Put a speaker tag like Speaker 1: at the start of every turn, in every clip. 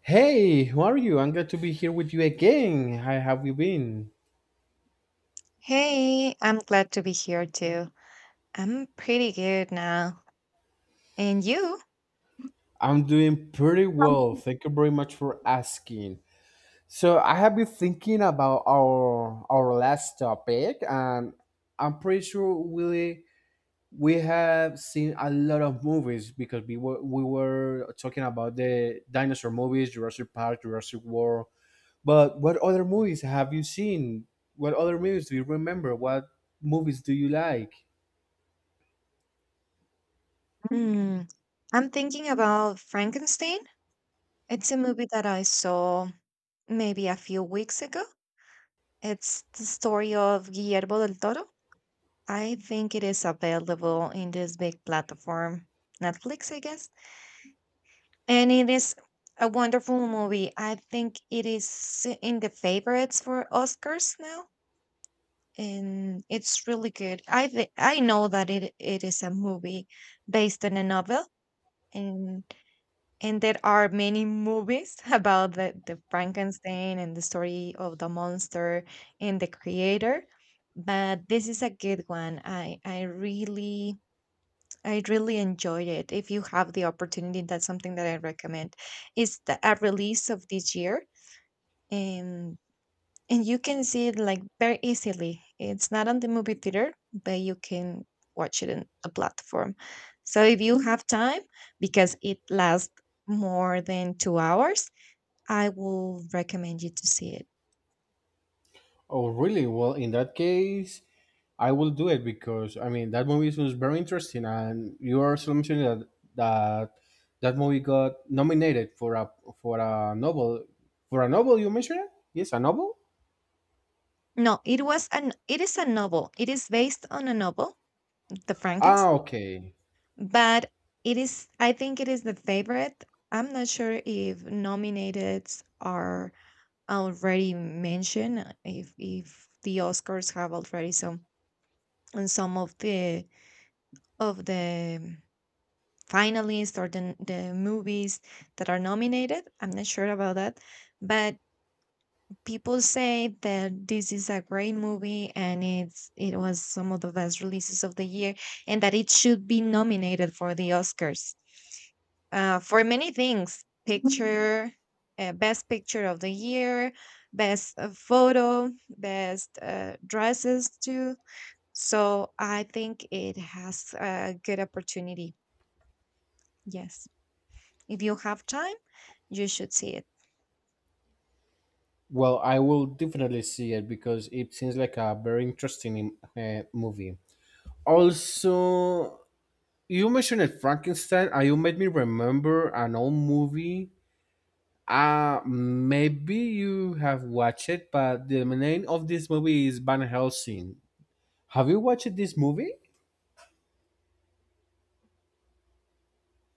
Speaker 1: Hey, how are you? I'm glad to be here with you again. How have you been?
Speaker 2: Hey, I'm glad to be here too. I'm pretty good now. And you?
Speaker 1: I'm doing pretty well.
Speaker 2: Um,
Speaker 1: Thank you very much for asking. So I have been thinking about our last topic, and I'm pretty sure we have seen a lot of movies because we were talking about the dinosaur movies, Jurassic Park, Jurassic World. But what other movies have you seen? What other movies do you remember? What movies do you like?
Speaker 2: Hmm, I'm thinking about Frankenstein. It's a movie that I saw maybe a few weeks ago. It's the story of Guillermo del Toro. I think it is available in this big platform, Netflix, I guess. And it is a wonderful movie. I think it is in the favorites for Oscars now. And it's really good. I know that it is a movie based on a novel, and and there are many movies about the Frankenstein and the story of the monster and the creator. But this is a good one. I really enjoyed it. If you have the opportunity, that's something that I recommend. It's a release of this year, and and you can see it like very easily. It's not on the movie theater, but you can watch it in a platform. So if you have time, because it lasts more than 2 hours, I will recommend you to see it.
Speaker 1: Oh, really? Well, in that case, I will do it because I mean that movie was very interesting, and you are also mentioning that that movie got nominated for a for a novel for a novel. You mentioned it? Yes, a novel.
Speaker 2: No, it was an it is a novel. It is based on a novel, The
Speaker 1: Ah,
Speaker 2: Frankenstein,
Speaker 1: okay.
Speaker 2: but it is I think it is the favorite. I'm not sure if nominated are already mentioned, if the Oscars have already some of the finalists or the movies that are nominated. I'm not sure about that, but people say that this is a great movie, and it was some of the best releases of the year, and that it should be nominated for the Oscars for many things, picture, best picture of the year, best photo, best dresses too. So I think it has a good opportunity. Yes. If you have time, you should see it.
Speaker 1: Well, I will definitely see it because it seems like a very interesting movie. Also, you mentioned it, Frankenstein, and you made me remember an old movie. Maybe you have watched it, but the name of this movie is Van Helsing. Have you watched this movie?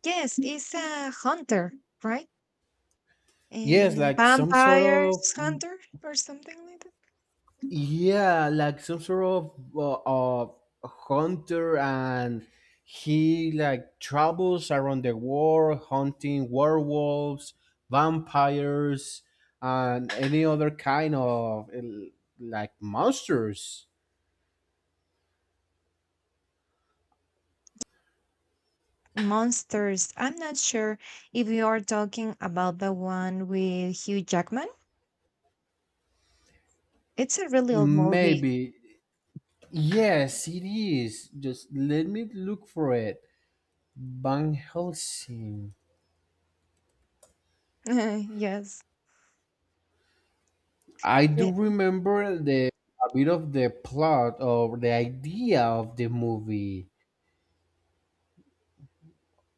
Speaker 2: Yes, it's a hunter, right?
Speaker 1: Yes,
Speaker 2: And
Speaker 1: like some sort of
Speaker 2: vampires hunter or something like that.
Speaker 1: yeah, like some sort of of hunter, and he like travels around the world hunting werewolves, vampires, and any other kind of like monsters.
Speaker 2: Monsters. I'm not sure if you are talking about the one with Hugh Jackman. It's a really old movie.
Speaker 1: Maybe. Yes, it is. Just let me look for it. Van Helsing.
Speaker 2: Yes.
Speaker 1: I do
Speaker 2: Yeah.
Speaker 1: remember the a bit of the plot or the idea of the movie.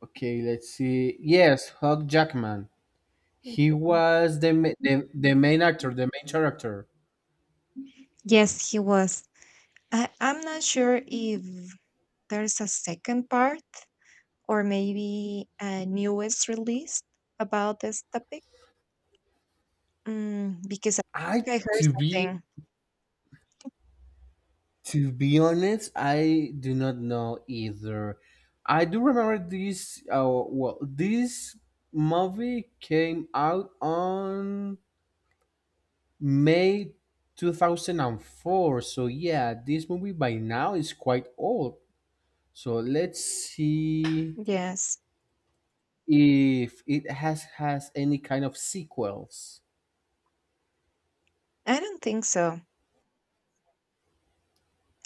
Speaker 1: Okay, let's see. Yes, Hugh Jackman.
Speaker 2: Hugh
Speaker 1: He
Speaker 2: Jackman.
Speaker 1: was the main actor, the main character.
Speaker 2: Yes, he was. I'm not sure if there's a second part or maybe a newest release about this topic. Because I
Speaker 1: I
Speaker 2: think I heard
Speaker 1: To be
Speaker 2: something.
Speaker 1: honest, I do not know either. I do remember this. Well, this movie came out on May 2004. So yeah, this movie by now is quite old. So let's see
Speaker 2: Yes,
Speaker 1: if it has any kind of sequels.
Speaker 2: I don't think so.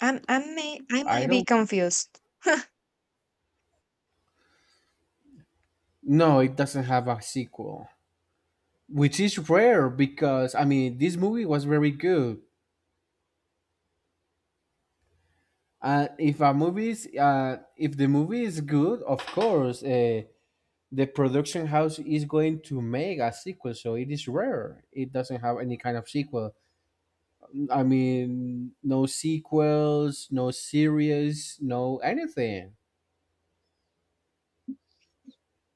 Speaker 2: I'm, I may, I
Speaker 1: I
Speaker 2: might be
Speaker 1: don't
Speaker 2: confused.
Speaker 1: No, it doesn't have a sequel, which is rare because I mean, this movie was very good. And if a movie is, if the movie is good, of course, the production house is going to make a sequel. So it is rare. It doesn't have any kind of sequel. I mean, no sequels, no series, no anything.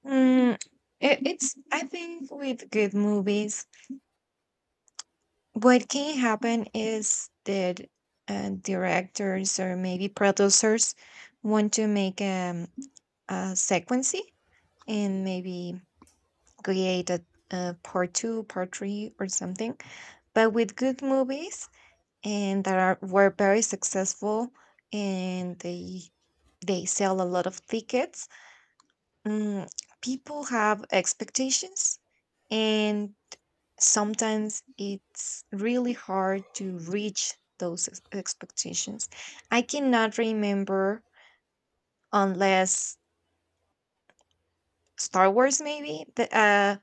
Speaker 2: Mm, I think with good movies, what can happen is that directors or maybe producers want to make a sequence, and maybe create a part two, part three, or something. But with good movies and that are were very successful, and they sell a lot of tickets, mm, people have expectations, and sometimes it's really hard to reach those expectations. I cannot remember, unless Star Wars, maybe the, uh,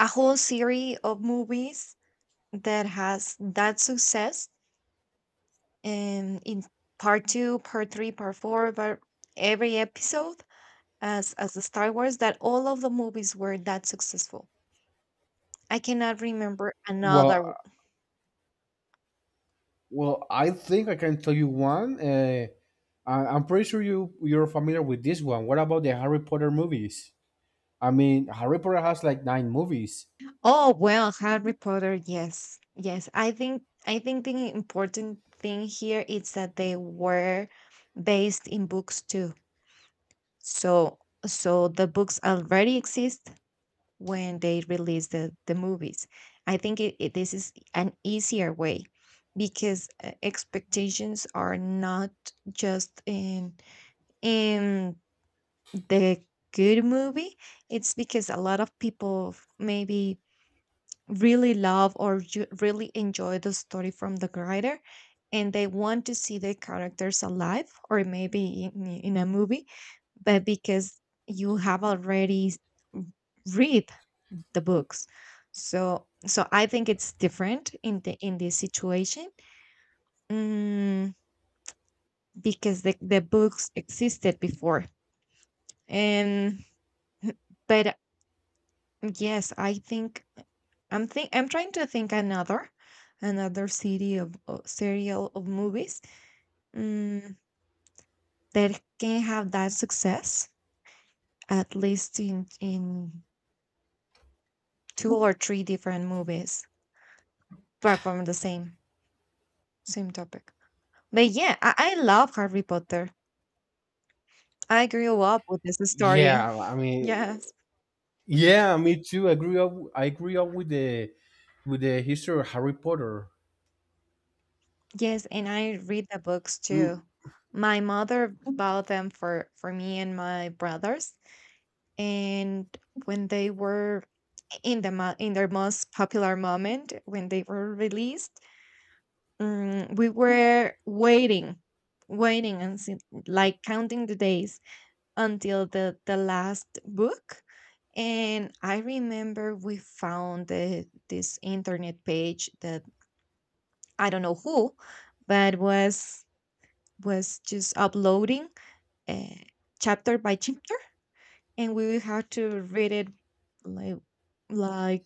Speaker 2: a whole series of movies that has that success, and in part two, part three, part four, but every episode, as the Star Wars, that all of the movies were that successful. I cannot remember another.
Speaker 1: Well, uh, well, I think I can tell you one. I'm pretty sure you're familiar with this one. What about the Harry Potter movies? I mean, Harry Potter has like nine movies.
Speaker 2: Oh well, Harry Potter. Yes, yes. I think the important thing here is that they were based in books too. So so the books already exist when they release the movies. I think this is an easier way because expectations are not just in the good movie. It's because a lot of people maybe really love, or really enjoy the story from the writer, and they want to see the characters alive or maybe in a movie, but because you have already read the books, so I think it's different in this situation, mm, because the books existed before. And but yes, I think I'm trying to think another city of serial of movies, mm, that can have that success, at least in two or three different movies, but from the same topic. But yeah, I love Harry Potter. I grew up with this story.
Speaker 1: Yeah, I mean,
Speaker 2: Yes.
Speaker 1: yeah, me too. I grew up with the history of Harry Potter.
Speaker 2: Yes, and I read the books too.
Speaker 1: Mm.
Speaker 2: My mother bought them for me and my brothers, and when they were in their most popular moment, when they were released, we were waiting and see, like counting the days until the last book. And I remember we found this internet page that, I don't know who, but was just uploading, uh, chapter by chapter, and we had to read it like like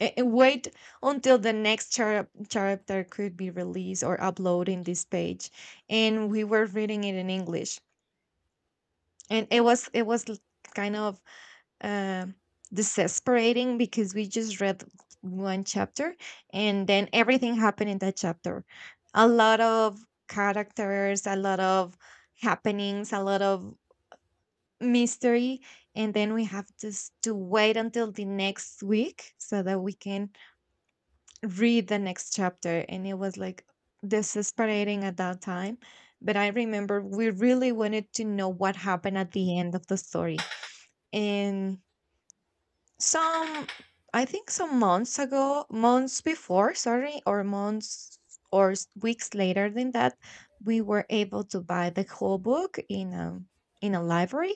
Speaker 2: a- and wait until the next chapter could be released or upload in this page, and we were reading it in English, and it was kind of um desesperating, because we just read one chapter, and then everything happened in that chapter: a lot of characters, a lot of happenings, a lot of mystery. And then we have just to wait until the next week so that we can read the next chapter, and it was like desesperating at that time. But I remember we really wanted to know what happened at the end of the story. And Some, I think some months ago, months before, sorry, or months or weeks later than that, we were able to buy the whole book in a library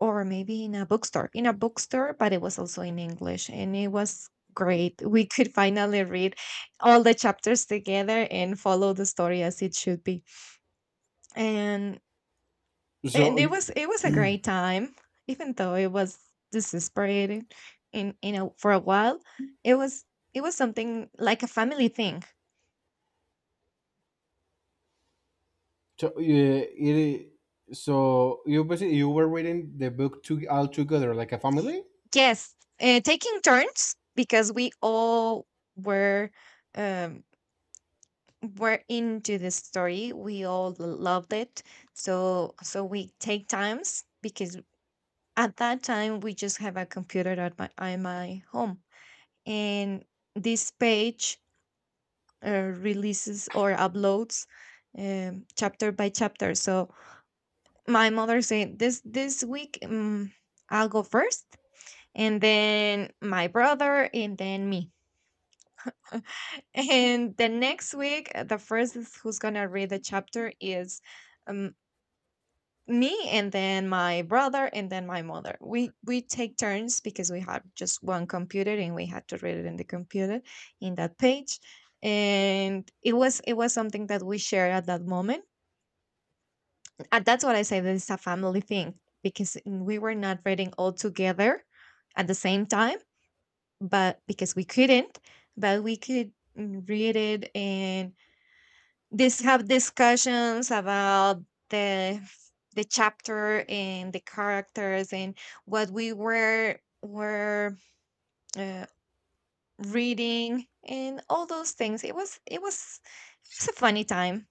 Speaker 2: or maybe in a bookstore. In a bookstore, but it was also in English, and it was great. We could finally read all the chapters together and follow the story as it should be. And and
Speaker 1: So
Speaker 2: it was a great time, even though it was desesperating, in for a while. It was it was something like a family thing.
Speaker 1: So yeah, it you basically you were reading the book to, all together like a family.
Speaker 2: Yes, taking turns because we all were um, were into the story. We all loved it. So we take times because at that time we just have a computer at my home, and this page releases or uploads chapter by chapter. So my mother said, "This week, I'll go first, and then my brother, and then me." And the next week, the first is who's gonna read the chapter is um, me, and then my brother, and then my mother. We take turns because we had just one computer, and we had to read it in the computer in that page. And it was something that we shared at that moment, and that's what I say that it's a family thing, because we were not reading all together at the same time, but because we couldn't, but we could read it and this have discussions about the the chapter and the characters and what we were uh, reading and all those things. It was a funny time.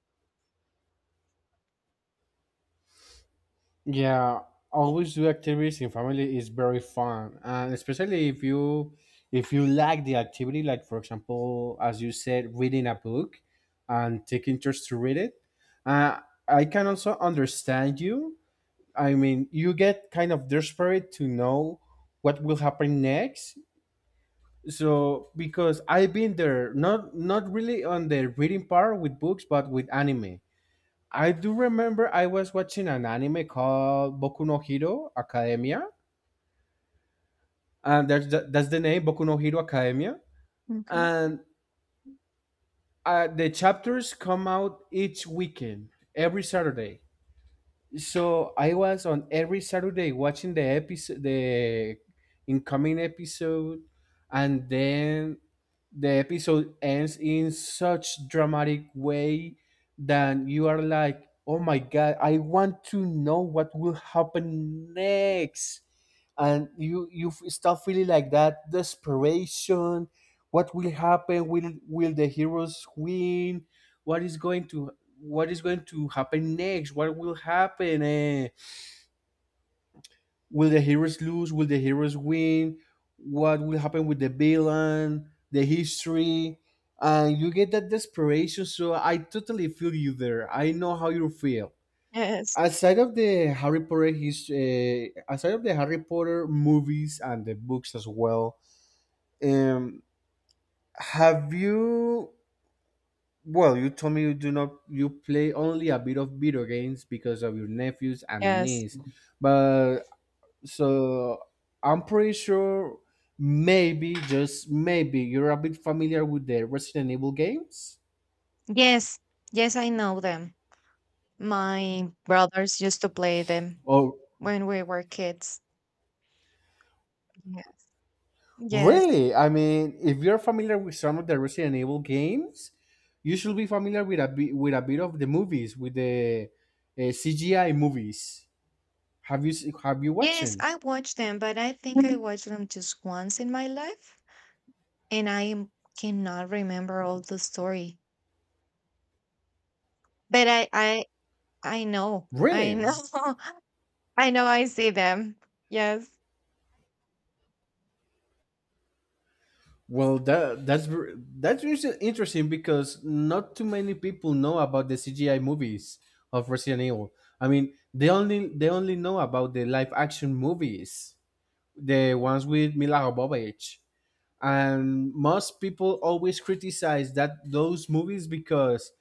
Speaker 1: Yeah, always do activities in family is very fun, and especially if you like the activity, like for example, as you said, reading a book and take interest to read it. Uh, I can also understand you. I mean, you get kind of desperate to know what will happen next so because I've been there, not really on the reading part with books but with anime. I do remember I was watching an anime called Boku no Hero Academia, and that's that's the name, Boku no Hero Academia.
Speaker 2: Okay.
Speaker 1: And the chapters come out each weekend, every Saturday. So I was on every Saturday watching the episode, the incoming episode, and then the episode ends in such dramatic way that you are like, "Oh my god, I want to know what will happen next," and start feeling like that desperation. What will happen? Will the heroes win? what is going to what is going to happen next? What will happen, eh? Will the heroes lose? Will the heroes win? What will happen with the villain, the history? And you get that desperation, so I totally feel you there. I know how you feel.
Speaker 2: Yes,
Speaker 1: Aside of the Harry Potter movies and the books as well, um have you well, you told me you do not you play only a bit of video games because of your nephews and
Speaker 2: yes,
Speaker 1: niece. But so I'm pretty sure maybe, just maybe, you're a bit familiar with the Resident Evil games?
Speaker 2: yes, yes. I know them. My brothers used to play them
Speaker 1: Oh,
Speaker 2: when we were kids. Yeah. Yes.
Speaker 1: really? I mean, if you're familiar with some of the Resident Evil games, you should be familiar with a bit, of the movies, with the CGI movies. Have you watched
Speaker 2: Yes,
Speaker 1: them?
Speaker 2: I watched them, but I think I watched them just once in my life, and cannot remember all the story. But I know. I
Speaker 1: Really?
Speaker 2: know. I know I see them. Yes.
Speaker 1: Well, that, that's really interesting because not too many people know about the CGI movies of Resident Evil. I mean, they only know about the live action movies, the ones with Mila Jovovich, and most people always criticize that those movies because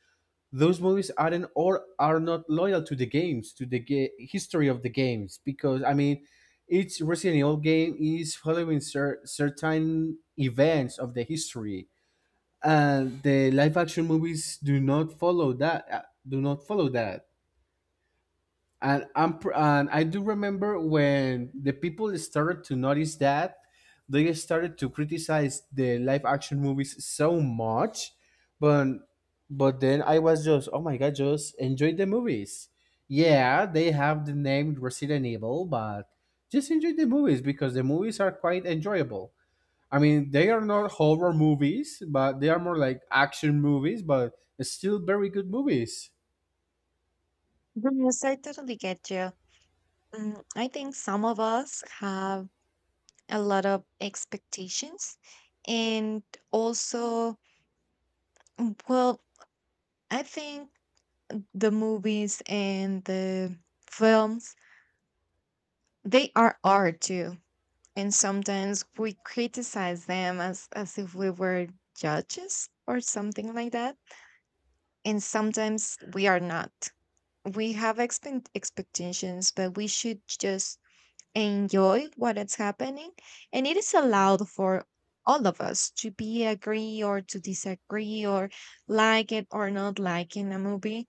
Speaker 1: those movies aren't, or are not, loyal to the games, to the history of the games, because I mean, each Resident Evil game is following certain events of the history, and the live action movies do not follow that, do not follow that and and I do remember when the people started to notice that, they started to criticize the live action movies so much, but then I was just, oh my god, just enjoy the movies. Yeah, they have the name Resident Evil, but just enjoy the movies because the movies are quite enjoyable. I mean, they are not horror movies, but they are more like action movies, but still very good movies.
Speaker 2: Yes, I totally get you. I think some of us have a lot of expectations, and also, well, I think the movies and the films, they are art too, and sometimes we criticize them as if we were judges or something like that. And sometimes we are not, we have expectations, but we should just enjoy what is happening. And it is allowed for all of us to be agree or to disagree, or like it or not like in a movie.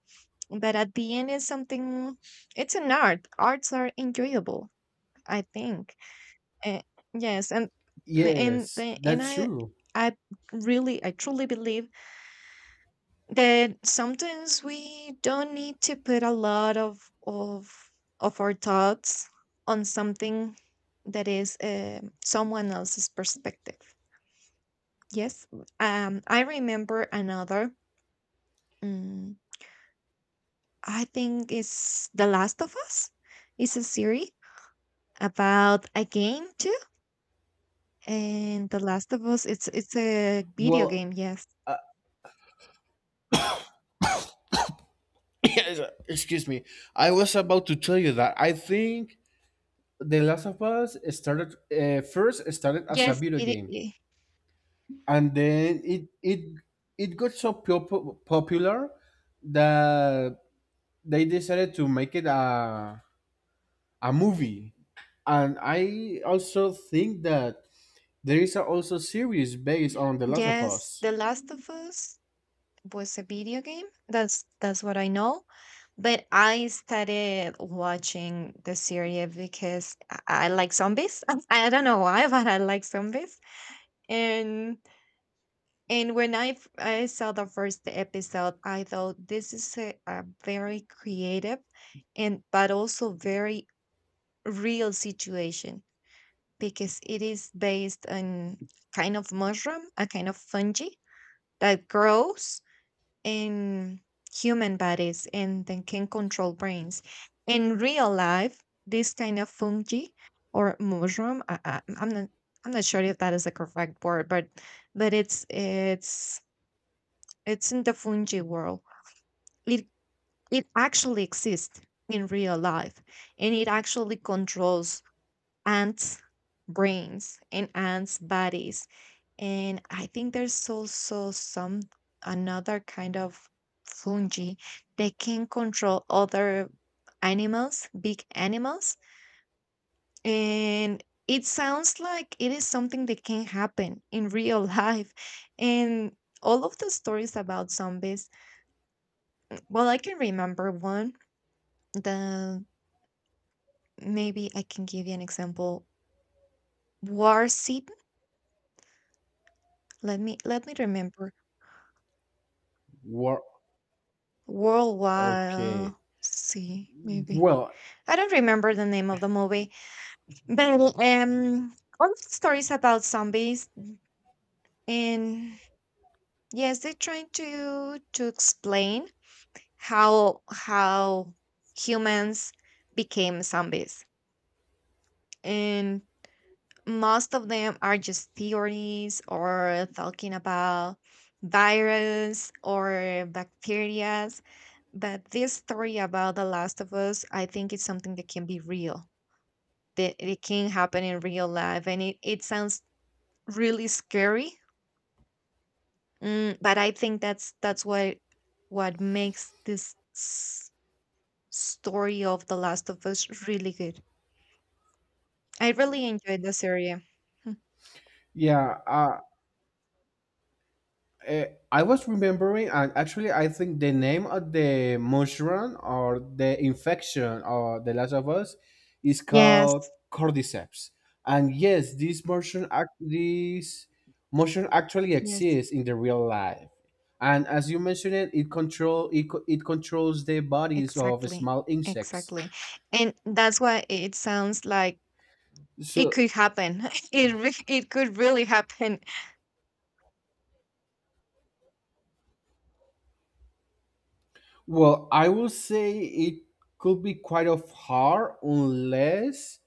Speaker 2: But at the end, it's something, it's an art. Arts are enjoyable, I think. uh, yes. and and
Speaker 1: Yes,
Speaker 2: the- and
Speaker 1: that's
Speaker 2: i
Speaker 1: true.
Speaker 2: i really i truly believe that sometimes we don't need to put a lot of our thoughts on something that is someone else's perspective. Yes, I remember another. mm, I think it's The Last of Us. It's a series about a game too, and The Last of Us. It's a video
Speaker 1: Well,
Speaker 2: game. Yes,
Speaker 1: Uh, excuse me. I was about to tell you that I think The Last of Us started first started as a
Speaker 2: yes,
Speaker 1: video game, and then it got so popular that they decided to make it a movie. And I also think that there is a also series based on The Last of
Speaker 2: yes.
Speaker 1: Us.
Speaker 2: The Last of Us was a video game. That's what I know. But I started watching the series because I like zombies. I don't know why, but I like zombies. And and when I saw the first episode, I thought this is a very creative and but also very real situation, because it is based on kind of mushroom, a kind of fungi that grows in human bodies and then can control brains. In real life, this kind of fungi or mushroom, I'm not sure if that is the correct word, but it's in the fungi world. It it actually exists in real life, and it actually controls ants' brains and ants' bodies, and I think there's also some another kind of fungi that can control other animals, big animals. And it sounds like it is something that can happen in real life. And all of the stories about zombies, well, I can remember one that maybe I can give you an example. War City. Let me remember
Speaker 1: War.
Speaker 2: Worldwide,
Speaker 1: Okay.
Speaker 2: see, maybe.
Speaker 1: Well,
Speaker 2: I don't remember the name of the movie, but all the stories about zombies, and yes, they're trying to explain how humans became zombies, and most of them are just theories or talking about virus or bacteria. But this story about The Last of Us, I think it's something that can be real, that it can happen in real life. And it sounds really scary. Mm, but I think that's what makes story of The Last of Us really good. I really enjoyed this area.
Speaker 1: yeah. Uh, I was remembering, and actually, I think the name of the mushroom or the infection or the Last of Us is called
Speaker 2: Yes,
Speaker 1: cordyceps. And yes, this mushroom, act- this mushroom actually
Speaker 2: yes.
Speaker 1: exists in the real life. And as you mentioned, it controls the bodies of
Speaker 2: Exactly.
Speaker 1: small insects.
Speaker 2: Exactly. And that's why it sounds like it
Speaker 1: So,
Speaker 2: could happen. It could really happen.
Speaker 1: well, I will say it could be quite of hard unless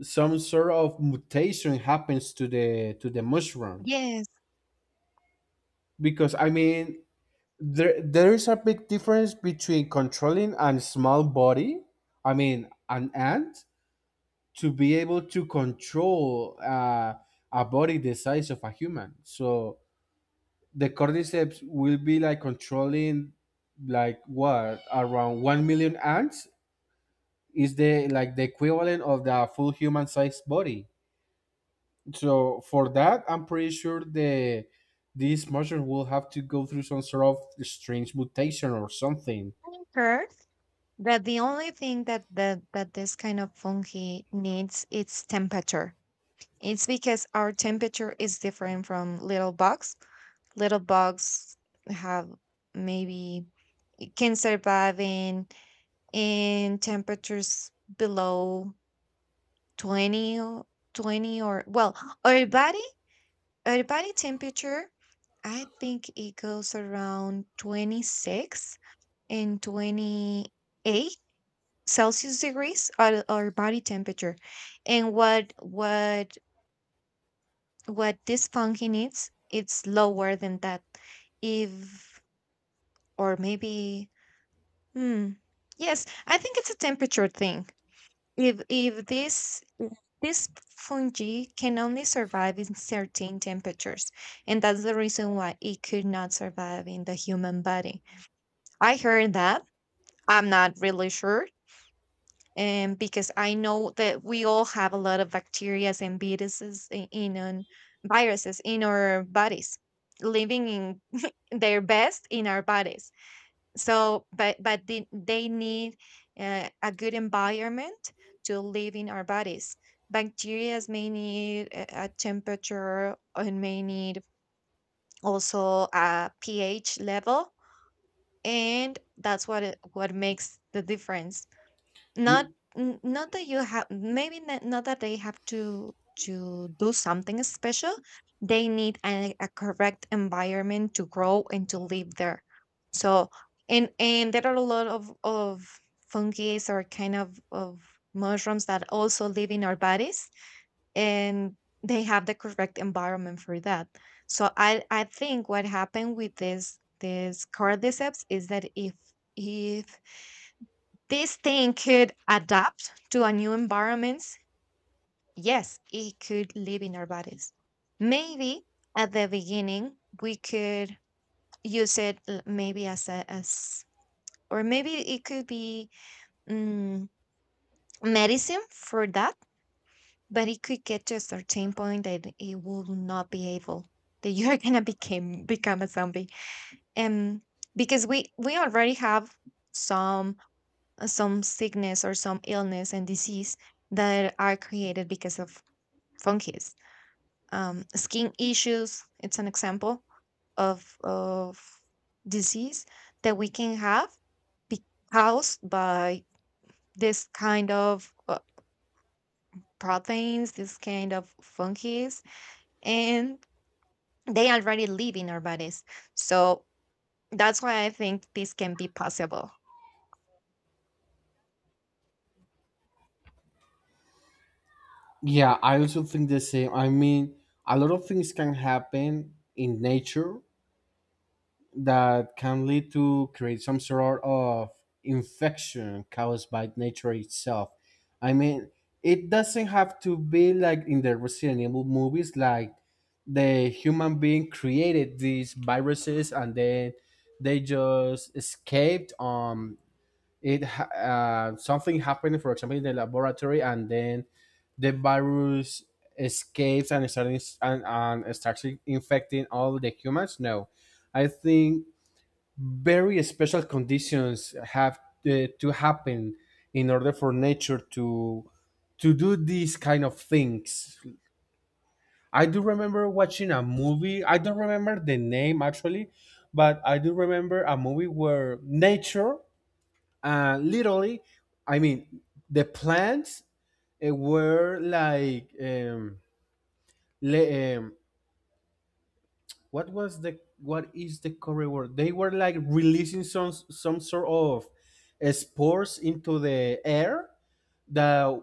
Speaker 1: some sort of mutation happens to the mushroom
Speaker 2: Yes.
Speaker 1: because I mean, there is a big difference between controlling a small body, I mean an ant, to be able to control a body the size of a human. So the cordyceps will be like controlling, like what, around 1 million ants is the like the equivalent of the full human sized body. So for that, I'm pretty sure the this mushroom will have to go through some sort of strange mutation or something.
Speaker 2: I heard that the only thing that this kind of fungi needs is temperature. It's because our temperature is different from little bugs. Little bugs have maybe can survive in temperatures below 20 or 20 or well our body body temperature, I think it goes around 26 and 28 Celsius degrees, or body temperature. And what this funky needs, it's lower than that. If or maybe hmm. Yes, I think it's a temperature thing. If if this fungi can only survive in certain temperatures, and that's the reason why it could not survive in the human body. I heard that. I'm not really sure. And because I know that we all have a lot of bacteria and viruses I- in on viruses in our bodies, living in their best in our bodies so but they need a good environment to live in our bodies, bacteria may need a temperature and may need also a ph level, and that's what what makes the difference. not
Speaker 1: Y-
Speaker 2: n not that you have, maybe not that they have to do something special. They need a correct environment to grow and to live there. So and there are a lot of fungi or kind of mushrooms that also live in our bodies, and they have the correct environment for that. So I think what happened with this cordyceps is that if this thing could adapt to a new environments. Yes, it could live in our bodies. Maybe at the beginning we could maybe as a as or maybe it could be mm, medicine for that, but it could get to a certain point that it will not be able, that you are gonna become a zombie. Um because we already have some some sickness or some illness and disease that are created because of fungus. Skin issues, it's an example of disease that we can have be caused by this kind of proteins, this kind of fungus, and they already live in our bodies. So that's why I think this can be possible.
Speaker 1: Yeah, I also think the same. I mean, a lot of things can happen in nature that can lead to create some sort of infection caused by nature itself. I mean, it doesn't have to be like in the Resident Evil movies, like the human being created these viruses and then they just escaped. Something happened, for example, in the laboratory, and then the virus escapes and starts infecting all the humans. No, I think very special conditions have to happen in order for nature to do these kind of things. I do remember watching a movie. I don't remember the name actually, but I do remember a movie where nature, literally, I mean, the plants uh, were like um, le- um, what was the what is the correct word? They were like releasing some sort of spores into the air that,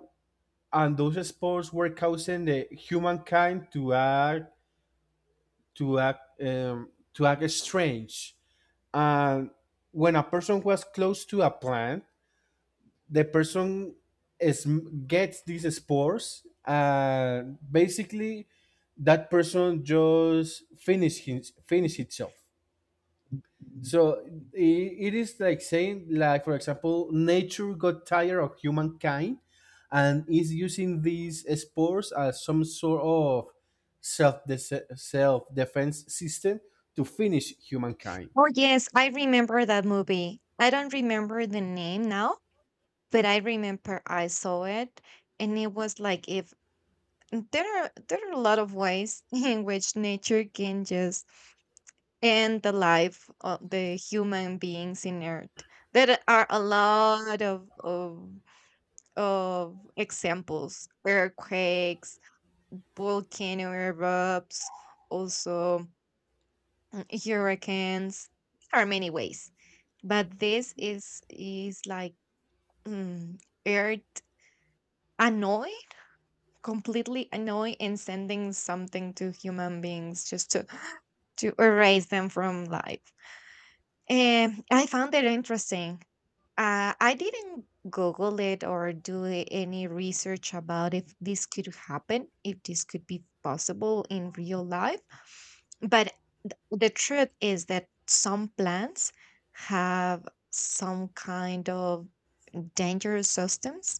Speaker 1: and those spores were causing the humankind to act, to act strange. And when a person was close to a plant, the person is gets these spores, and basically that person just finish his, finish itself. So it is like saying, like for example, nature got tired of humankind, and is using these spores as some sort of self self defense system to finish humankind.
Speaker 2: Oh, yes, I remember that movie. I don't remember the name now, but I remember I saw it, and it was like if there are a lot of ways in which nature can just end the life of the human beings in Earth. There are a lot of examples: earthquakes, volcano erupts, also hurricanes. There are many ways, but this is like mm, Earth annoyed, completely annoying and sending something to human beings just to erase them from life. And I found it interesting. I didn't Google it or do any research about if this could happen, if this could be possible in real life. But the truth is that some plants have some kind of dangerous substance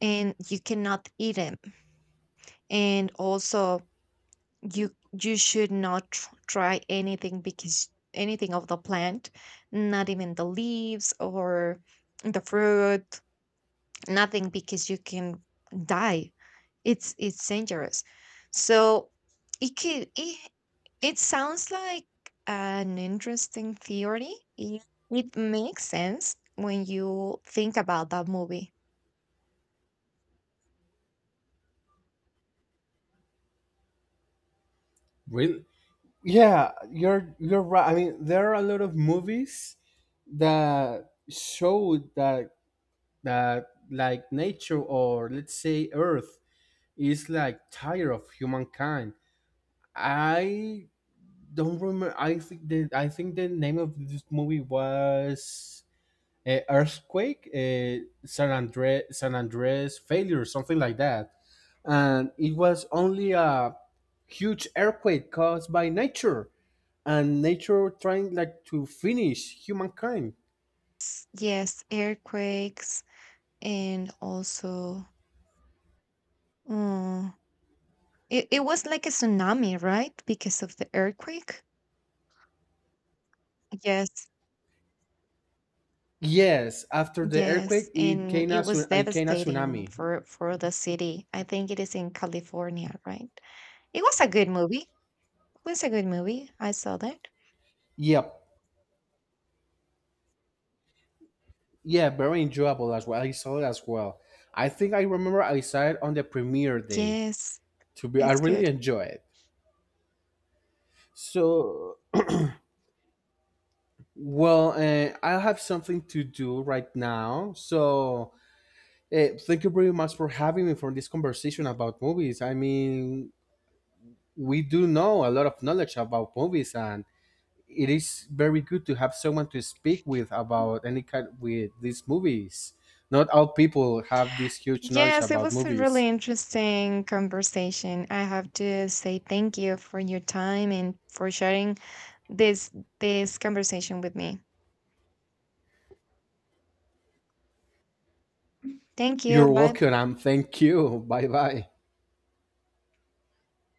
Speaker 2: and you cannot eat them. And also, you should not try anything, because anything of the plant, not even the leaves or the fruit, nothing, because you can die. It's it's dangerous, so it it sounds like an interesting theory, it, it makes sense when you think about that movie.
Speaker 1: Really? Yeah, you're right. I mean, there are a lot of movies that show that, that like nature, or let's say Earth, is like tired of humankind. I don't remember. I think the name of this movie was Earthquake, San Andre San Andres failure, something like that. And it was only a huge earthquake caused by nature, and nature trying like to finish humankind.
Speaker 2: Yes, earthquakes, and also mm, It it was like a tsunami, right? Because of the earthquake? Yes.
Speaker 1: Yes, after the earthquake,
Speaker 2: Yes, and it was
Speaker 1: it came a
Speaker 2: devastating
Speaker 1: tsunami.
Speaker 2: for the city. I think it is in California, right? It was a good movie. It was a good movie. I saw that.
Speaker 1: Yep, yeah, very enjoyable as well. I saw it as well. I think I remember I saw it on the premiere day.
Speaker 2: Yes,
Speaker 1: To be I
Speaker 2: it's
Speaker 1: really
Speaker 2: good.
Speaker 1: enjoy it. So, well, I have something to do right now, so thank you very much for having me for this conversation about movies. I mean, we do know a lot of knowledge about movies, and it is very good to have someone to speak with about any kind, with these movies. Not all people have this huge knowledge
Speaker 2: Yes, it
Speaker 1: about
Speaker 2: was a
Speaker 1: movies.
Speaker 2: really interesting conversation. I have to say thank you for your time and for sharing this this conversation with me. Thank you.
Speaker 1: You're
Speaker 2: Bye.
Speaker 1: welcome, and thank you. Bye bye.